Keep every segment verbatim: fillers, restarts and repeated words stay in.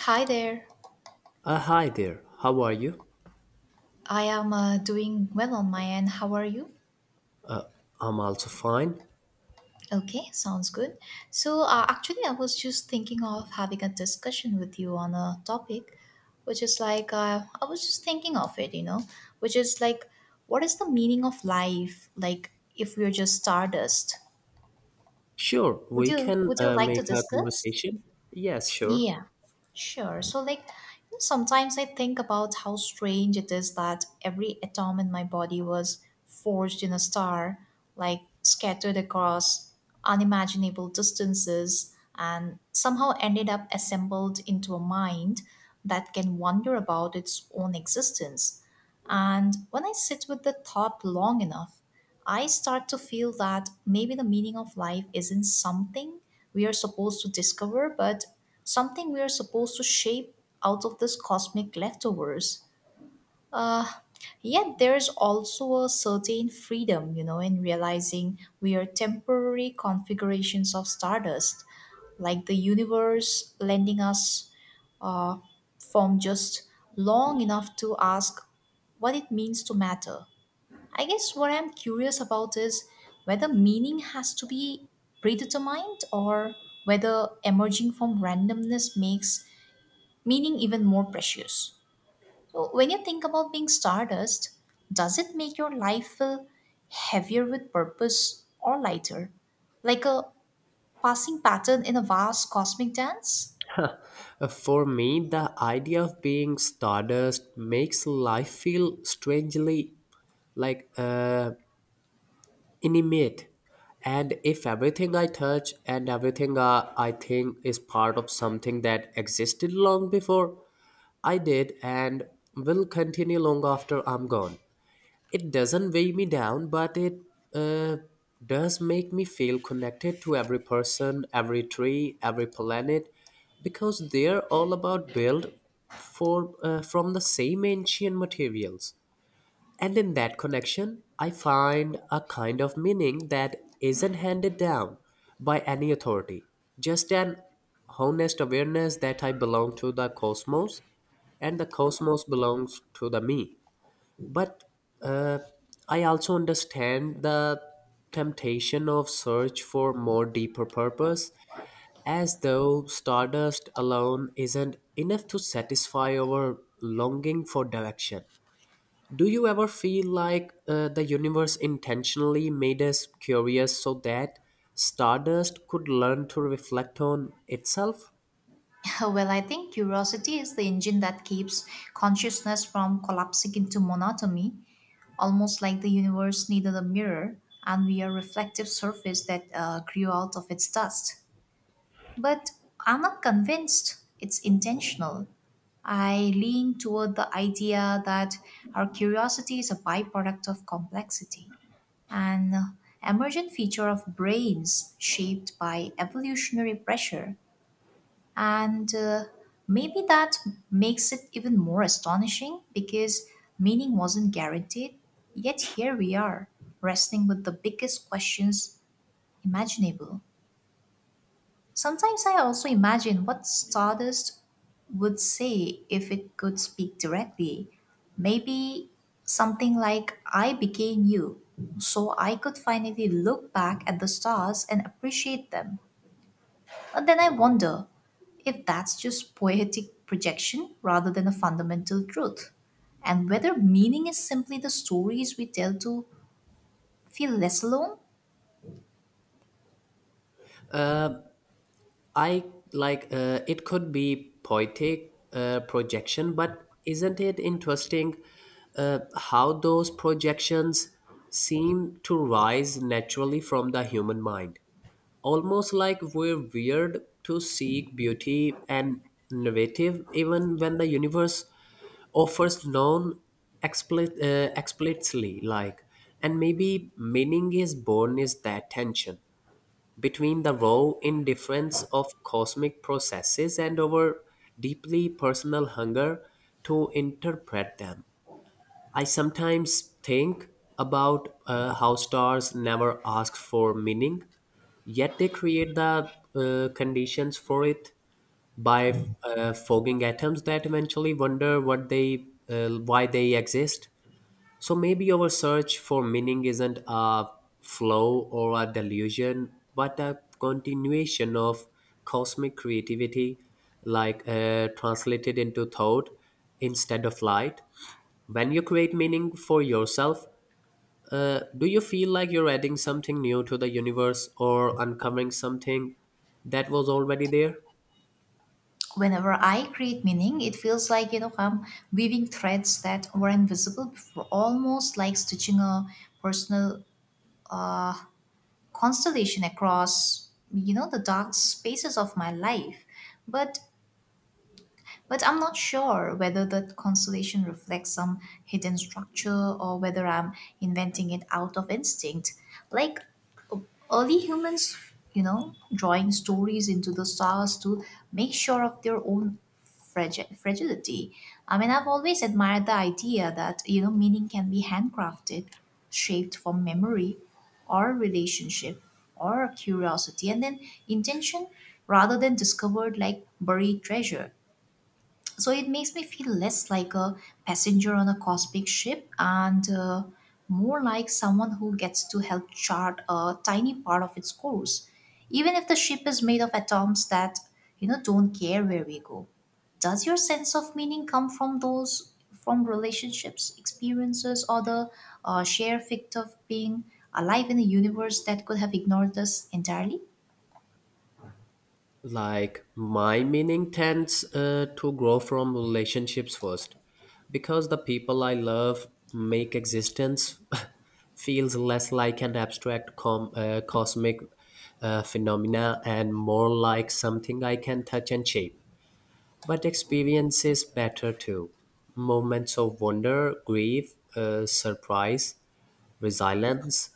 Hi there. Uh, hi there. How are you? I am uh, doing well on my end. How are you? I'm also fine. Okay, sounds good. So, uh, actually, I was just thinking of having a discussion with you on a topic, which is like, uh, I was just thinking of it, you know, which is like, what is the meaning of life? Like, if we're just stardust, Sure, would we you can would you uh, like to make a discuss? conversation. Yes, sure. Yeah, sure. So, like, you know, sometimes I think about how strange it is that every atom in my body was forged in a star, like scattered across unimaginable distances, and somehow ended up assembled into a mind that can wonder about its own existence. And when I sit with the thought long enough, I start to feel that maybe the meaning of life isn't something we are supposed to discover, but something we are supposed to shape out of this cosmic leftovers. Uh, yet there's also a certain freedom, you know, in realizing we are temporary configurations of stardust, like the universe lending us form just long enough to ask what it means to matter. I guess what I'm curious about is whether meaning has to be predetermined or whether emerging from randomness makes meaning even more precious. So, when you think about being stardust, does it make your life feel heavier with purpose or lighter? Like a passing pattern in a vast cosmic dance? Uh, for me, the idea of being stardust makes life feel strangely like uh, inanimate. And if everything I touch and everything uh, I think is part of something that existed long before I did and will continue long after I'm gone. It doesn't weigh me down, but it uh, does make me feel connected to every person, every tree, every planet, because they're all about built for uh, from the same ancient materials. And in that connection, I find a kind of meaning that isn't handed down by any authority, just an honest awareness that I belong to the cosmos and the cosmos belongs to the me but uh, I also understand the temptation of search for more deeper purpose, as though stardust alone isn't enough to satisfy our longing for direction. Do you ever feel like uh, the universe intentionally made us curious so that stardust could learn to reflect on itself? Well, I think curiosity is the engine that keeps consciousness from collapsing into monotony, almost like the universe needed a mirror and we are reflective surface that uh, grew out of its dust. But I'm not convinced it's intentional. I lean toward the idea that our curiosity is a byproduct of complexity, an emergent feature of brains shaped by evolutionary pressure and uh, maybe that makes it even more astonishing because meaning wasn't guaranteed, yet here we are, wrestling with the biggest questions imaginable. Sometimes I also imagine what Stardust would say if it could speak directly. Maybe something like, I became you, so I could finally look back at the stars and appreciate them. But then I wonder if that's just poetic projection rather than a fundamental truth, and whether meaning is simply the stories we tell to feel less alone. I like uh, it could be poetic uh, projection, but isn't it interesting uh, how those projections seem to rise naturally from the human mind? Almost like we're weird to seek beauty and innovative, even when the universe offers none expli- uh, explicitly. Like, and maybe meaning is born is that tension between the raw indifference of cosmic processes and our deeply personal hunger to interpret them. I sometimes think about uh, how stars never ask for meaning, yet they create the uh, conditions for it by uh, fogging atoms that eventually wonder what they uh, why they exist. So maybe our search for meaning isn't a flow or a delusion, but a continuation of cosmic creativity, like uh, translated into thought instead of light. When you create meaning for yourself, uh, do you feel like you're adding something new to the universe or uncovering something that was already there? Whenever I create meaning, it feels like you know I'm weaving threads that were invisible before, almost like stitching a personal uh, constellation across you know the dark spaces of my life. But But I'm not sure whether the constellation reflects some hidden structure or whether I'm inventing it out of instinct. Like early humans, you know, drawing stories into the stars to make sure of their own fragi- fragility. I mean, I've always admired the idea that, you know, meaning can be handcrafted, shaped from memory or relationship or curiosity, and then intention rather than discovered like buried treasure. So it makes me feel less like a passenger on a cosmic ship and, uh, more like someone who gets to help chart a tiny part of its course, even if the ship is made of atoms that, you know don't care where we go. Does your sense of meaning come from those, from relationships, experiences, or the uh, sheer fact of being alive in a universe that could have ignored us entirely? Like my meaning tends uh, to grow from relationships first because the people I love make existence feels less like an abstract com- uh, cosmic uh, phenomena and more like something I can touch and shape. But experiences is better too. Moments of wonder, grief, uh, surprise, resilience.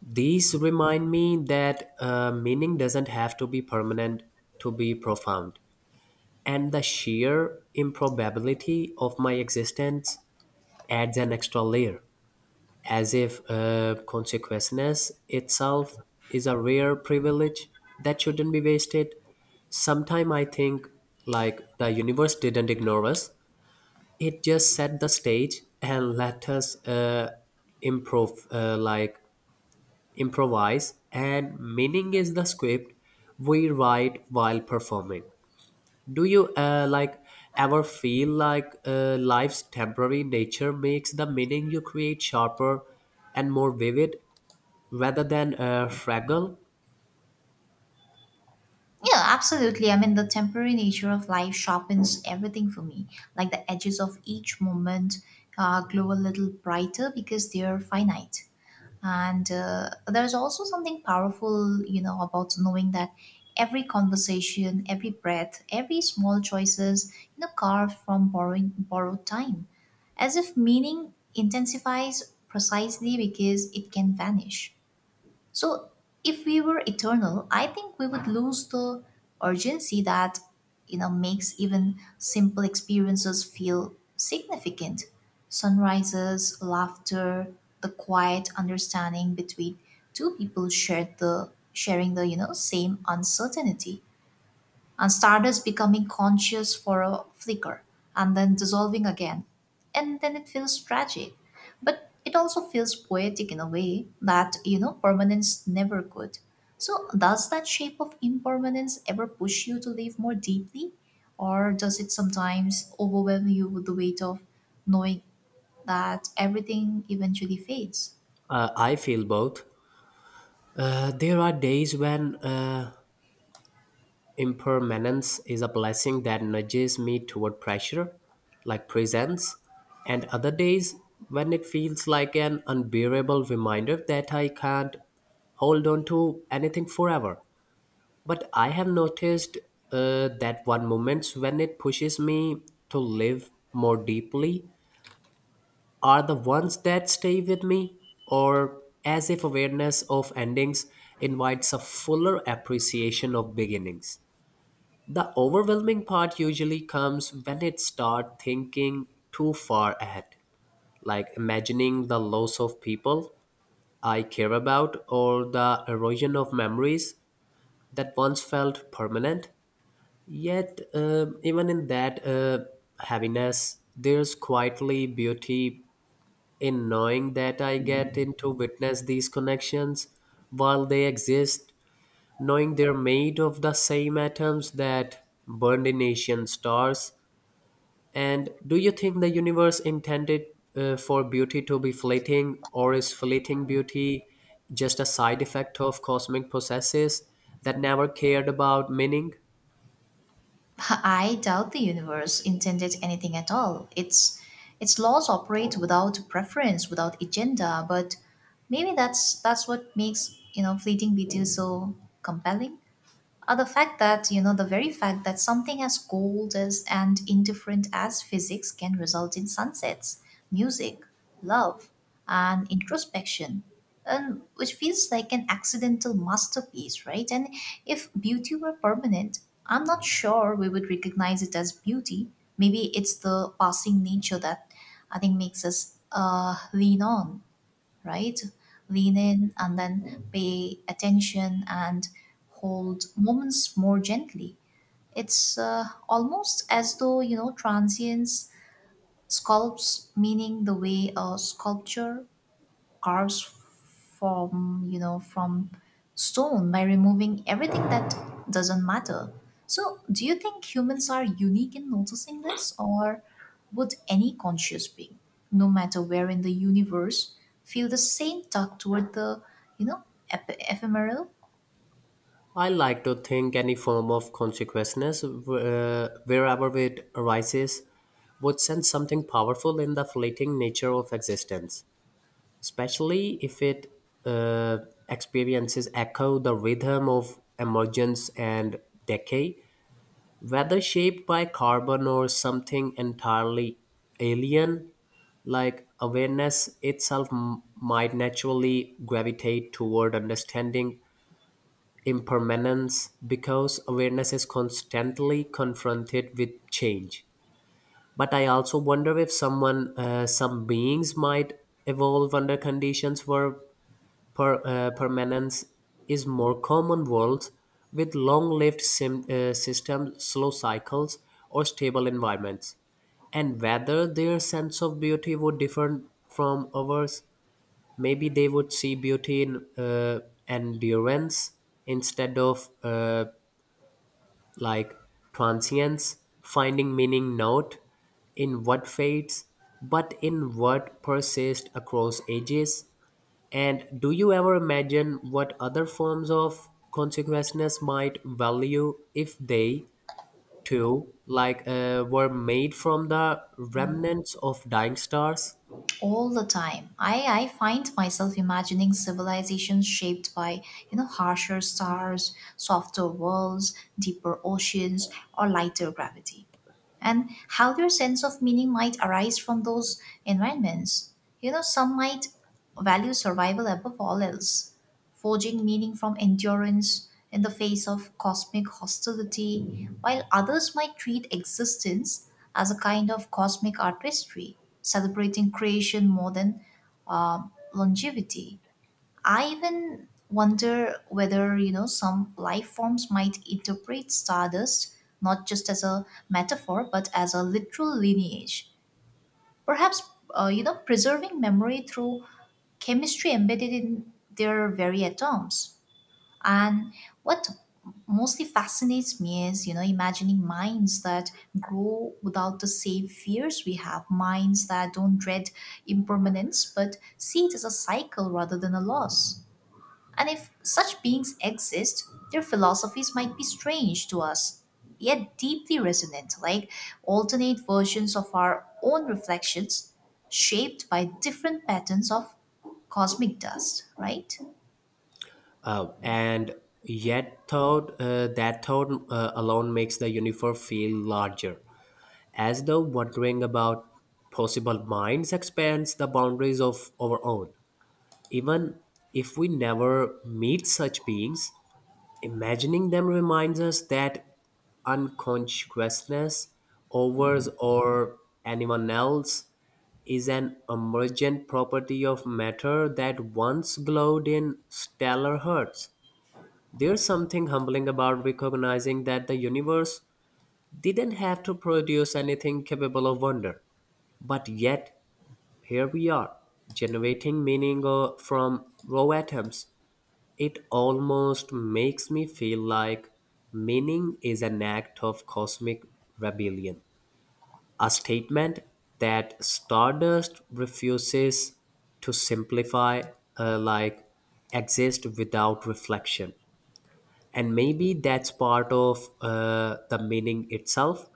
These remind me that uh, meaning doesn't have to be permanent to be profound, and the sheer improbability of my existence adds an extra layer, as if uh, consequentness itself is a rare privilege that shouldn't be wasted. Sometime I think like the universe didn't ignore us; it just set the stage and let us uh, improv, uh, like improvise. And meaning is the script we write while performing. Do you uh, like ever feel like uh, life's temporary nature makes the meaning you create sharper and more vivid rather than uh, fragile? Yeah, absolutely. I mean, the temporary nature of life sharpens everything for me. Like the edges of each moment uh, glow a little brighter because they're finite. And uh, there's also something powerful, you know, about knowing that every conversation, every breath, every small choices, you know, carved from borrowing borrowed time, as if meaning intensifies precisely because it can vanish. So, if we were eternal, I think we would lose the urgency that, you know, makes even simple experiences feel significant. Sunrises, laughter, the quiet understanding between two people shared the sharing the, you know, same uncertainty, and stardust becoming conscious for a flicker and then dissolving again. And then it feels tragic. But it also feels poetic in a way that, you know, permanence never could. So, does that shape of impermanence ever push you to live more deeply? Or does it sometimes overwhelm you with the weight of knowing that everything eventually fades? uh, I feel both. Uh, there are days when uh, impermanence is a blessing that nudges me toward pressure like presence, and other days when it feels like an unbearable reminder that I can't hold on to anything forever. But I have noticed uh, that one moments when it pushes me to live more deeply are the ones that stay with me, or as if awareness of endings invites a fuller appreciation of beginnings. The overwhelming part usually comes when it start thinking too far ahead, like imagining the loss of people I care about or the erosion of memories that once felt permanent. Yet, um, even in that uh, heaviness, there's quietly beauty in knowing that I get in to witness these connections while they exist, knowing they're made of the same atoms that burned in ancient stars. And do you think the universe intended uh, for beauty to be fleeting, or is fleeting beauty just a side effect of cosmic processes that never cared about meaning? I doubt the universe intended anything at all. Its its laws operate without preference, without agenda, but maybe that's that's what makes, you know, fleeting beauty so compelling. Uh, the fact that, you know, the very fact that something as cold as and indifferent as physics can result in sunsets, music, love, and introspection, and which feels like an accidental masterpiece, right? And if beauty were permanent, I'm not sure we would recognize it as beauty. Maybe it's the passing nature that I think makes us uh, lean on, right? Lean in and then pay attention and hold moments more gently. It's, uh, almost as though, you know, transience sculpts meaning the way a sculpture cars from, you know from stone, by removing everything that doesn't matter. So do you think humans are unique in noticing this, or would any conscious being, no matter where in the universe, feel the same tug toward the, you know ep- ephemeral? I like to think any form of consciousness, uh, wherever it arises, would sense something powerful in the fleeting nature of existence, especially if it uh, experiences echo the rhythm of emergence and decay, whether shaped by carbon or something entirely alien. Like awareness itself m- might naturally gravitate toward understanding impermanence because awareness is constantly confronted with change. But I also wonder if someone uh, some beings might evolve under conditions where per, uh, permanence is more common, worlds with long-lived sim- uh, systems, slow cycles, or stable environments, and whether their sense of beauty would differ from ours. Maybe they would see beauty in uh, endurance instead of uh, like transience, finding meaning not in what fades, but in what persists across ages. And do you ever imagine what other forms of consciousness might value if they, too, like uh, were made from the remnants of dying stars? All the time. I i find myself imagining civilizations shaped by, you know, harsher stars, softer worlds, deeper oceans, or lighter gravity, and how their sense of meaning might arise from those environments. You know, some might value survival above all else, forging meaning from endurance in the face of cosmic hostility, while others might treat existence as a kind of cosmic artistry, celebrating creation more than longevity. I even wonder whether, you know, some life forms might interpret stardust not just as a metaphor but as a literal lineage. Perhaps, uh, you know, preserving memory through chemistry embedded in their very atoms. And what mostly fascinates me is, you know, imagining minds that grow without the same fears we have, minds that don't dread impermanence but see it as a cycle rather than a loss. And if such beings exist, their philosophies might be strange to us, yet deeply resonant, like alternate versions of our own reflections, shaped by different patterns of cosmic dust, right? Oh, and yet thought uh, that thought uh, alone makes the universe feel larger, as though wondering about possible minds expands the boundaries of our own. Even if we never meet such beings, imagining them reminds us that unconsciousness, ours or anyone else, is an emergent property of matter that once glowed in stellar hearts. There's something humbling about recognizing that the universe didn't have to produce anything capable of wonder. But yet, here we are, generating meaning uh, from raw atoms. It almost makes me feel like meaning is an act of cosmic rebellion, a statement that stardust refuses to simplify, uh, like exist without reflection. And maybe that's part of uh, the meaning itself,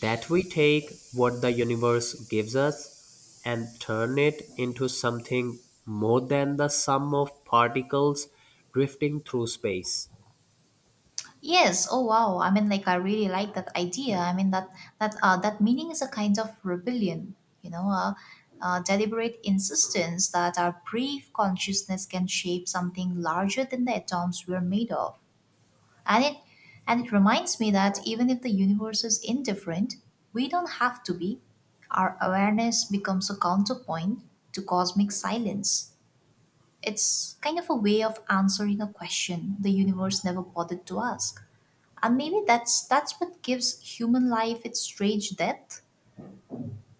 that we take what the universe gives us and turn it into something more than the sum of particles drifting through space. Yes. Oh wow. I mean, like I really like that idea. I mean that that uh, that meaning is a kind of rebellion, you know, a, a deliberate insistence that our brief consciousness can shape something larger than the atoms we're made of. And it and it reminds me that even if the universe is indifferent, we don't have to be. Our awareness becomes a counterpoint to cosmic silence. It's kind of a way of answering a question the universe never bothered to ask. And maybe that's that's what gives human life its strange depth.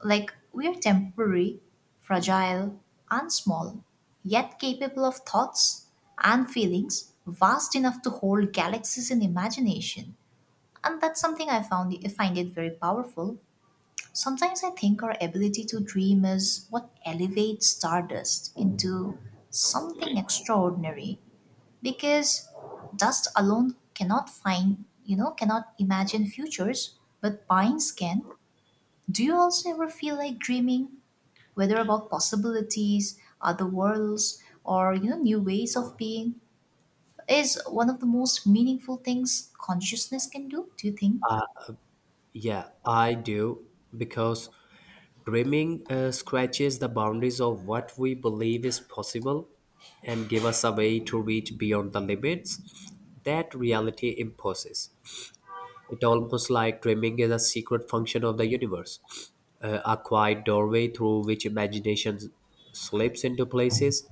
Like we are temporary, fragile, and small, yet capable of thoughts and feelings vast enough to hold galaxies in imagination. And that's something I found I find it very powerful. Sometimes I think our ability to dream is what elevates stardust into something extraordinary because dust alone cannot find, you know, cannot imagine futures, but pines can. Do you also ever feel like dreaming, whether about possibilities, other worlds, or, you know, new ways of being, is one of the most meaningful things consciousness can do, do you think? Yeah, I do, because dreaming uh, scratches the boundaries of what we believe is possible and give us a way to reach beyond the limits that reality imposes. It almost like dreaming is a secret function of the universe, uh, a quiet doorway through which imagination slips into places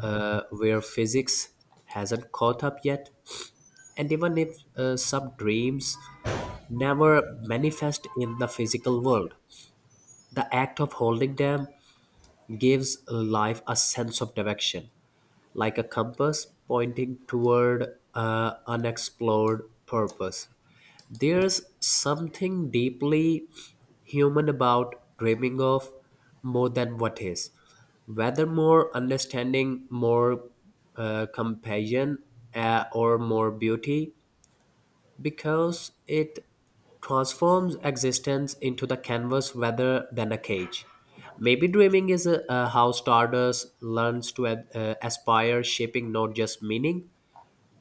uh, where physics hasn't caught up yet. And even if uh, some dreams never manifest in the physical world, the act of holding them gives life a sense of direction, like a compass pointing toward uh, unexplored purpose. There's something deeply human about dreaming of more than what is, whether more understanding, more uh, compassion, uh, or more beauty, because it transforms existence into the canvas rather than a cage. Maybe dreaming is uh, uh, how Stardust learns to uh, uh, aspire, shaping not just meaning,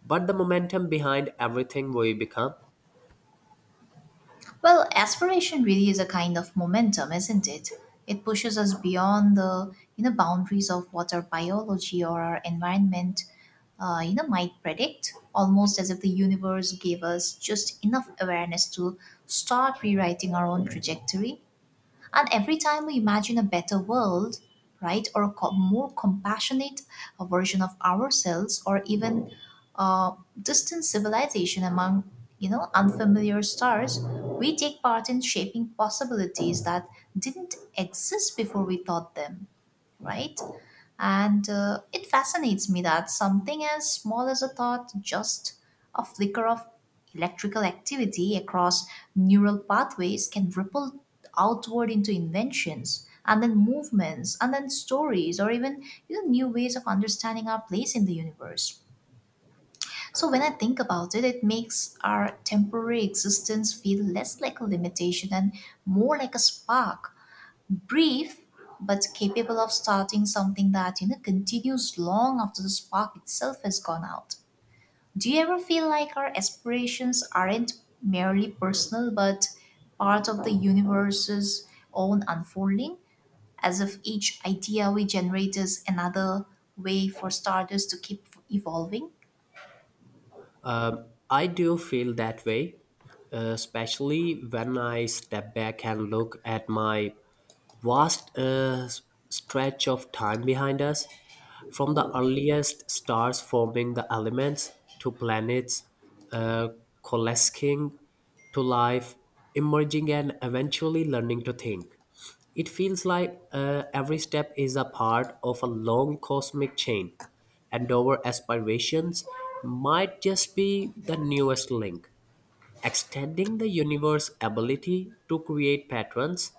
but the momentum behind everything we become. Well, aspiration really is a kind of momentum, isn't it? It pushes us beyond the, you know boundaries of what our biology or our environment, uh, you know, might predict, almost as if the universe gave us just enough awareness to start rewriting our own trajectory. And every time we imagine a better world, right, or a co- more compassionate uh, version of ourselves, or even uh, distant civilization among, you know unfamiliar stars, we take part in shaping possibilities that didn't exist before we thought them, right? And uh, it fascinates me that something as small as a thought, just a flicker of electrical activity across neural pathways, can ripple outward into inventions and then movements and then stories, or even, you know, new ways of understanding our place in the universe. So when I think about it, it makes our temporary existence feel less like a limitation and more like a spark, brief but capable of starting something that, you know, continues long after the spark itself has gone out. Do you ever feel like our aspirations aren't merely personal but part of the universe's own unfolding, as if each idea we generate is another way for starters to keep evolving? Um, I do feel that way, uh, especially when I step back and look at my vast uh, s- stretch of time behind us, from the earliest stars forming the elements to planets uh, coalescing to life emerging and eventually learning to think. It feels like uh, every step is a part of a long cosmic chain, and our aspirations might just be the newest link, extending the universe's ability to create patterns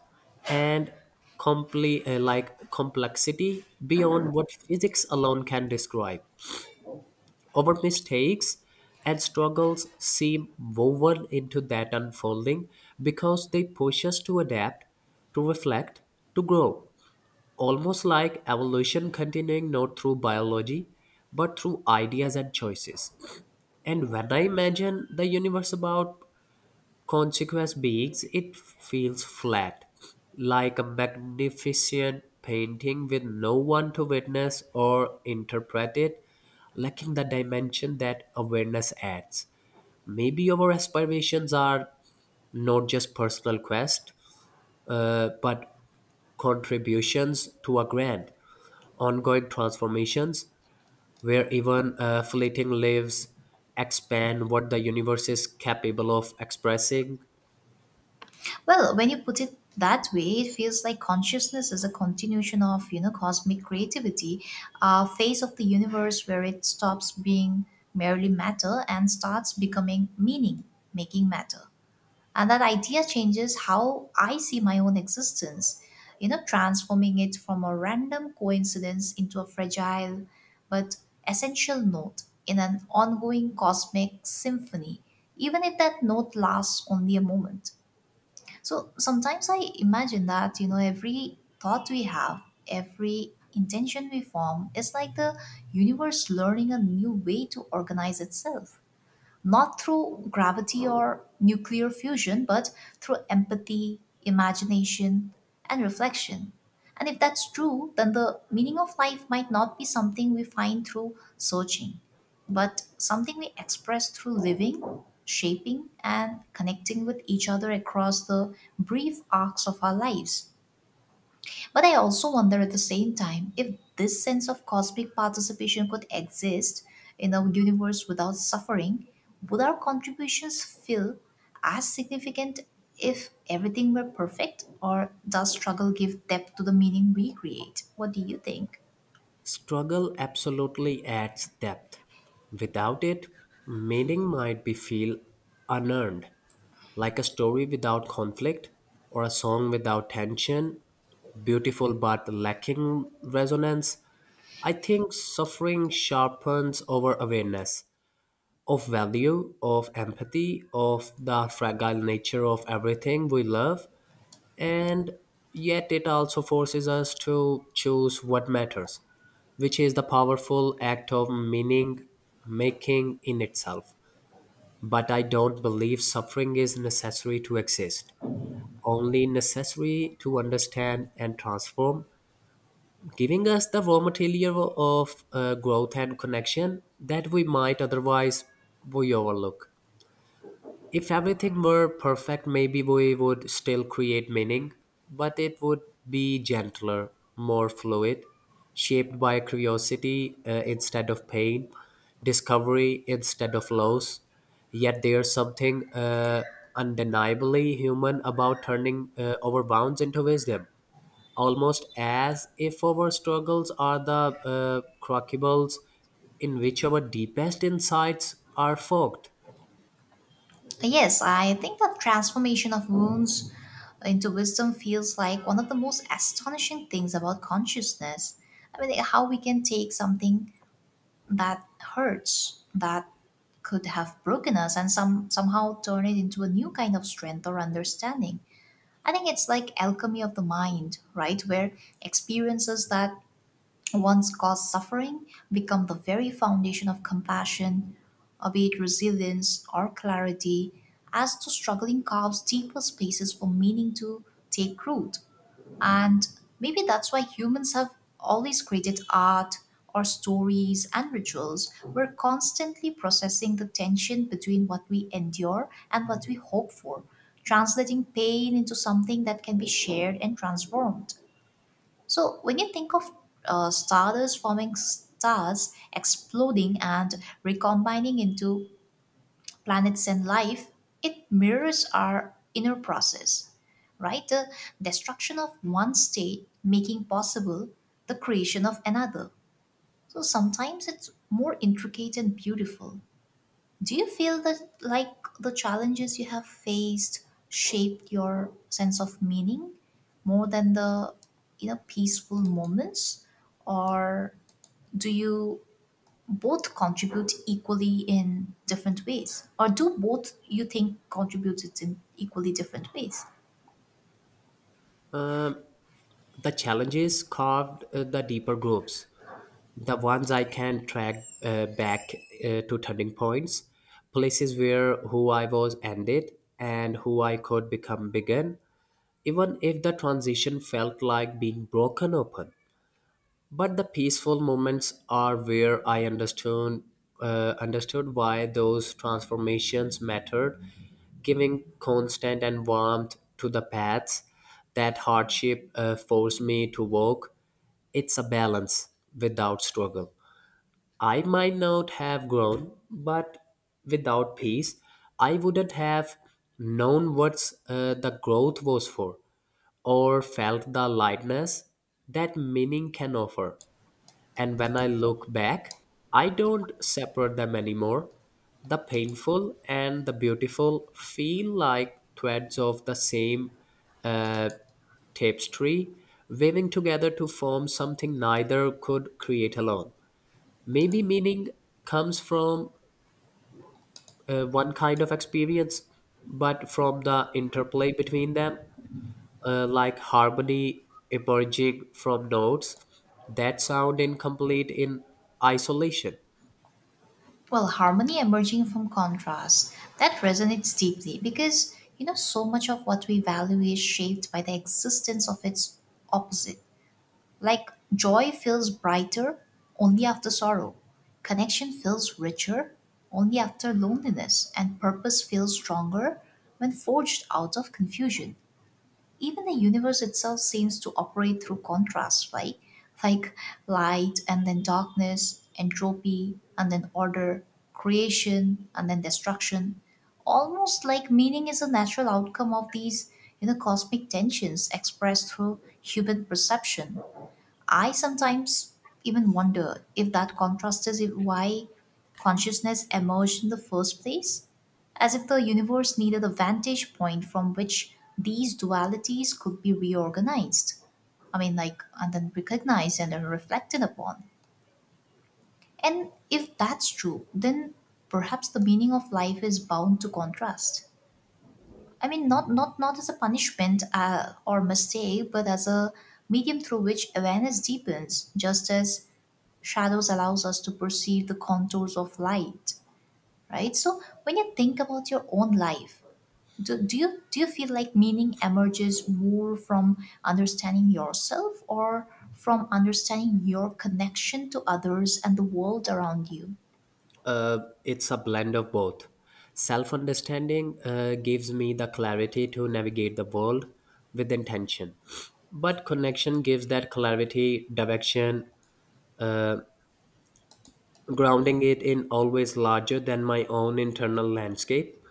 and comple- uh, like complexity beyond what physics alone can describe. Our mistakes and struggles seem woven into that unfolding because they push us to adapt, to reflect, to grow. Almost like evolution continuing not through biology, but through ideas and choices. And when I imagine the universe about consequous beings, it feels flat, like a magnificent painting with no one to witness or interpret it, lacking the dimension that awareness adds. Maybe our aspirations are not just personal quest, uh, but contributions to a grand ongoing transformations where even uh, fleeting lives expand what the universe is capable of expressing. Well, when you put it that way, it feels like consciousness is a continuation of, you know, cosmic creativity, a phase of the universe where it stops being merely matter and starts becoming meaning, making matter. And that idea changes how I see my own existence, you know, transforming it from a random coincidence into a fragile but essential note in an ongoing cosmic symphony, even if that note lasts only a moment. So sometimes I imagine that, you know, every thought we have, every intention we form is like the universe learning a new way to organize itself, not through gravity or nuclear fusion, but through empathy, imagination, and reflection. And if that's true, then the meaning of life might not be something we find through searching, but something we express through living, shaping, and connecting with each other across the brief arcs of our lives. But I also wonder at the same time if this sense of cosmic participation could exist in a universe without suffering. Would our contributions feel as significant if everything were perfect, or does struggle give depth to the meaning we create? What do you think? Struggle absolutely adds depth. Without it, meaning might be feel unearned, like a story without conflict or a song without tension, beautiful but lacking resonance. I think suffering sharpens our awareness of value, of empathy, of the fragile nature of everything we love, and yet it also forces us to choose what matters, which is the powerful act of meaning making in itself. But I don't believe suffering is necessary to exist, only necessary to understand and transform, giving us the raw material of uh, growth and connection that we might otherwise we overlook. If everything were perfect, maybe we would still create meaning, but it would be gentler, more fluid, shaped by curiosity uh, instead of pain, discovery instead of loss. Yet there's something uh, undeniably human about turning uh, our bounds into wisdom, almost as if our struggles are the uh, crucibles in which our deepest insights are forked. Uh, Yes, I think that transformation of wounds into wisdom feels like one of the most astonishing things about consciousness. I mean, how we can take something that hurts, that could have broken us, and some somehow turn it into a new kind of strength or understanding. I think it's like alchemy of the mind, right? Where experiences that once caused suffering become the very foundation of compassion, or be it resilience or clarity, as the struggling carves deeper spaces for meaning to take root. And maybe that's why humans have always created art or stories and rituals. We're constantly processing the tension between what we endure and what we hope for, translating pain into something that can be shared and transformed. So when you think of uh, stardust forming stars, exploding and recombining into planets and life, it mirrors our inner process, right? The destruction of one state making possible the creation of another. So sometimes it's more intricate and beautiful. Do you feel that, like, the challenges you have faced shaped your sense of meaning more than the, you know, peaceful moments, or do you both contribute equally in different ways, or do both you think contributes in equally different ways? Um, The challenges carved uh, the deeper groups, the ones I can track uh, back uh, to turning points, places where who I was ended and who I could become began, even if the transition felt like being broken open. But the peaceful moments are where I understood uh, understood why those transformations mattered, giving constant and warmth to the paths that hardship uh, forced me to walk. It's a balance. Without struggle, I might not have grown, but without peace, I wouldn't have known what uh, the growth was for or felt the lightness that meaning can offer. And when I look back, I don't separate them anymore. The painful and the beautiful feel like threads of the same tapestry, weaving together to form something neither could create alone. Maybe meaning comes from uh, one kind of experience, but from the interplay between them, uh, like harmony emerging from notes that sound incomplete in isolation. Well, harmony emerging from contrast, that resonates deeply because, you know, so much of what we value is shaped by the existence of its opposite. Like, joy feels brighter only after sorrow, connection feels richer only after loneliness, and purpose feels stronger when forged out of confusion. Even the universe itself seems to operate through contrast, right? Like light and then darkness, entropy and then order, creation and then destruction. Almost like meaning is a natural outcome of these, you know, cosmic tensions expressed through human perception. I sometimes even wonder if that contrast is why consciousness emerged in the first place, as if the universe needed a vantage point from which these dualities could be reorganized. I mean, like, and then recognized and then reflected upon. And if that's true, then perhaps the meaning of life is bound to contrast. I mean, not not not as a punishment uh, or mistake, but as a medium through which awareness deepens, just as shadows allows us to perceive the contours of light. Right. So when you think about your own life, do, do you do you feel like meaning emerges more from understanding yourself, or from understanding your connection to others and the world around you? uh, it's a blend of both. Self understanding uh, gives me the clarity to navigate the world with intention, but connection gives that clarity, direction, uh, grounding it in always larger than my own internal landscape.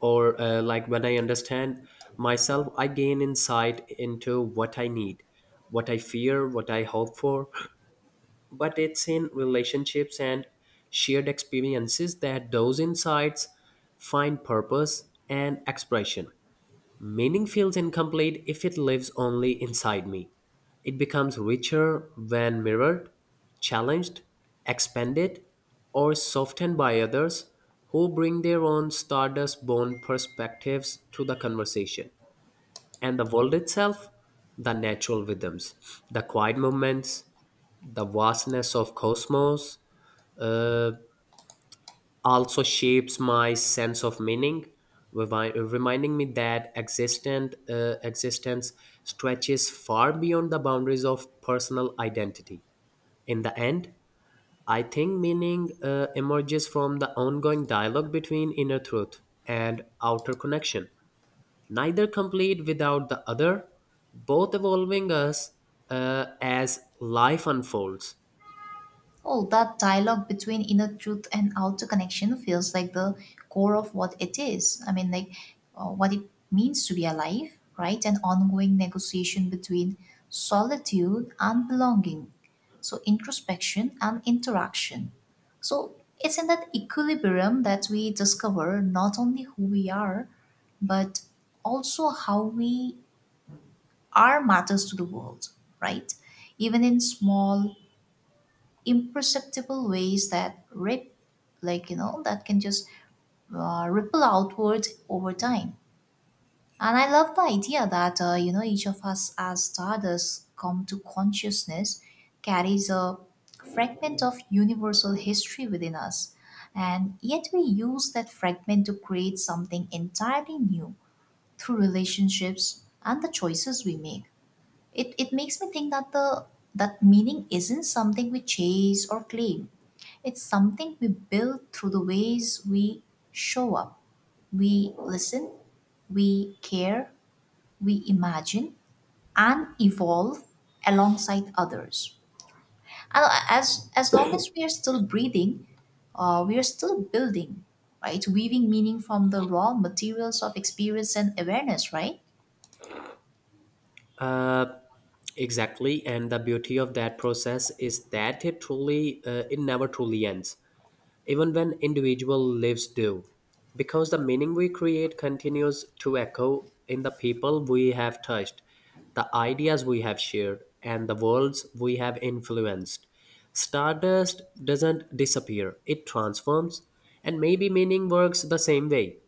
Or, uh, like when I understand myself, I gain insight into what I need, what I fear, what I hope for, but it's in relationships and shared experiences that those insights find purpose and expression. Meaning feels incomplete if it lives only inside me. It becomes richer when mirrored, challenged, expanded, or softened by others who bring their own stardust born perspectives to the conversation. And the world itself, the natural rhythms, the quiet moments, the vastness of cosmos uh, also shapes my sense of meaning revi- reminding me that existent uh, existence stretches far beyond the boundaries of personal identity. In the end, I think meaning uh, emerges from the ongoing dialogue between inner truth and outer connection, neither complete without the other, both evolving us uh, as life unfolds. Oh, that dialogue between inner truth and outer connection feels like the core of what it is. I mean, like, uh, what it means to be alive, right? An ongoing negotiation between solitude and belonging. So, introspection and interaction. So, it's in that equilibrium that we discover not only who we are, but also how we are matters to the world, right? Even in small, imperceptible ways that rip, like, you know, that can just uh, ripple outwards over time. And I love the idea that, uh, you know, each of us as stardust come to consciousness carries a fragment of universal history within us, and yet we use that fragment to create something entirely new through relationships and the choices we make. It, it makes me think that the that meaning isn't something we chase or claim. It's something we build through the ways we show up. We listen, we care, we imagine, and evolve alongside others. And as, as long as we are still breathing, uh, we are still building, right? Weaving meaning from the raw materials of experience and awareness, right? uh, Exactly, and the beauty of that process is that it truly, uh, it never truly ends, even when individual lives do, because the meaning we create continues to echo in the people we have touched, the ideas we have shared, and the worlds we have influenced. Stardust doesn't disappear; it transforms, and maybe meaning works the same way,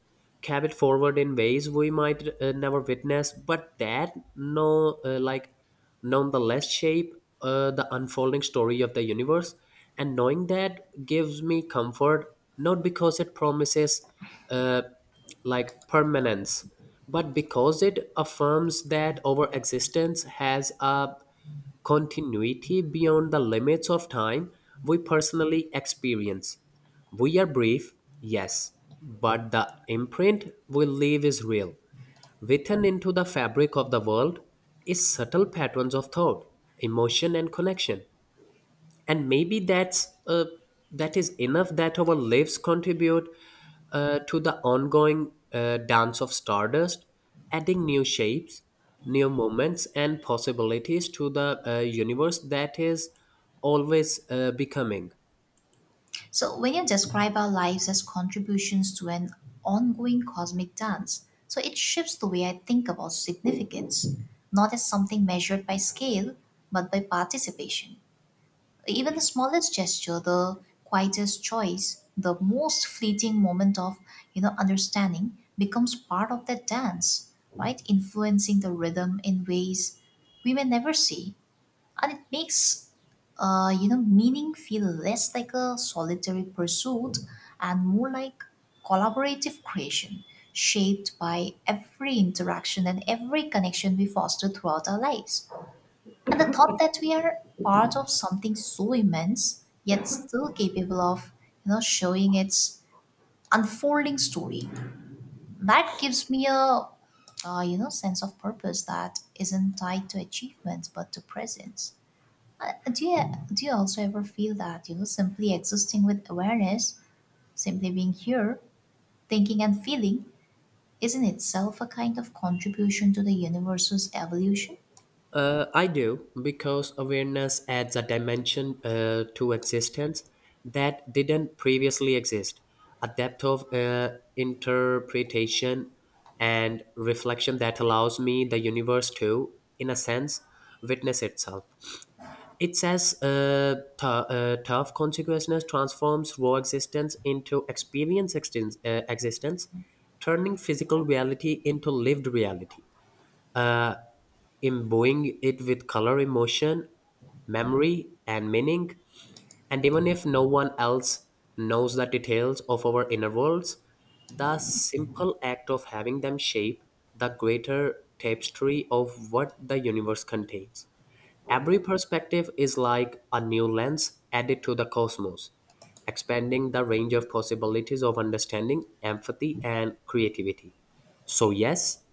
carried forward in ways we might uh, never witness, but that no, uh, like nonetheless shape uh, the unfolding story of the universe. And knowing that gives me comfort, not because it promises uh, like permanence, but because it affirms that our existence has a continuity beyond the limits of time we personally experience. We are brief, yes, but the imprint we leave is real. Written into the fabric of the world is subtle patterns of thought, emotion, and connection. And maybe that's uh, that is enough, that our lives contribute uh, to the ongoing uh, dance of stardust, adding new shapes, new moments, and possibilities to the uh, universe that is always uh, becoming. So we can describe our lives as contributions to an ongoing cosmic dance. So it shifts the way I think about significance, not as something measured by scale, but by participation. Even the smallest gesture, the quietest choice, the most fleeting moment of, you know, understanding becomes part of that dance, right? Influencing the rhythm in ways we may never see. And it makes, uh, you know, meaning feel less like a solitary pursuit and more like collaborative creation, shaped by every interaction and every connection we foster throughout our lives. And the thought that we are part of something so immense, yet still capable of, you know, showing its unfolding story, that gives me a, uh, you know, sense of purpose that isn't tied to achievements but to presence. uh, do you do you also ever feel that, you know, simply existing with awareness, simply being here, thinking and feeling, is in itself a kind of contribution to the universe's evolution? Uh, I do, because awareness adds a dimension uh, to existence that didn't previously exist, a depth of uh, interpretation and reflection that allows me, the universe, to, in a sense, witness itself. It says uh, th- uh, tough consequences transforms raw existence into experience extens- uh, existence, turning physical reality into lived reality, imbuing it with color, emotion, memory, and meaning. And even if no one else knows the details of our inner worlds, the simple act of having them shape the greater tapestry of what the universe contains. Every perspective is like a new lens added to the cosmos, expanding the range of possibilities of understanding, empathy, and creativity. So, yes,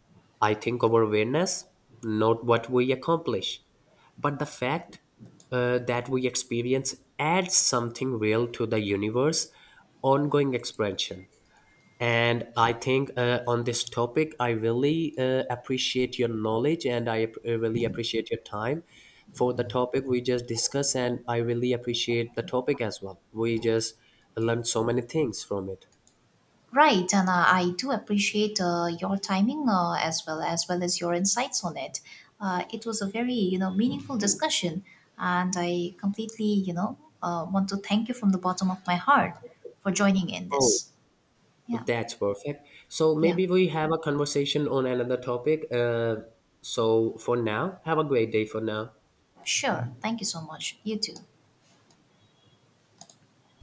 I think our awareness, not what we accomplish, but the fact uh, that we experience adds something real to the universe ongoing expansion. And I think uh, on this topic, I really uh, appreciate your knowledge and I ap- uh, really appreciate your time for the topic we just discussed. And I really appreciate the topic as well. We just learned so many things from it. Right, and uh, I do appreciate uh, your timing uh, as well as well as your insights on it. Uh, it was a very, you know, meaningful discussion, and I completely, you know, uh, want to thank you from the bottom of my heart for joining in Oh, this. Yeah, that's perfect. So yeah, maybe we have a conversation on another topic. Uh, so for now, have a great day for now. sure. Thank you so much. You too.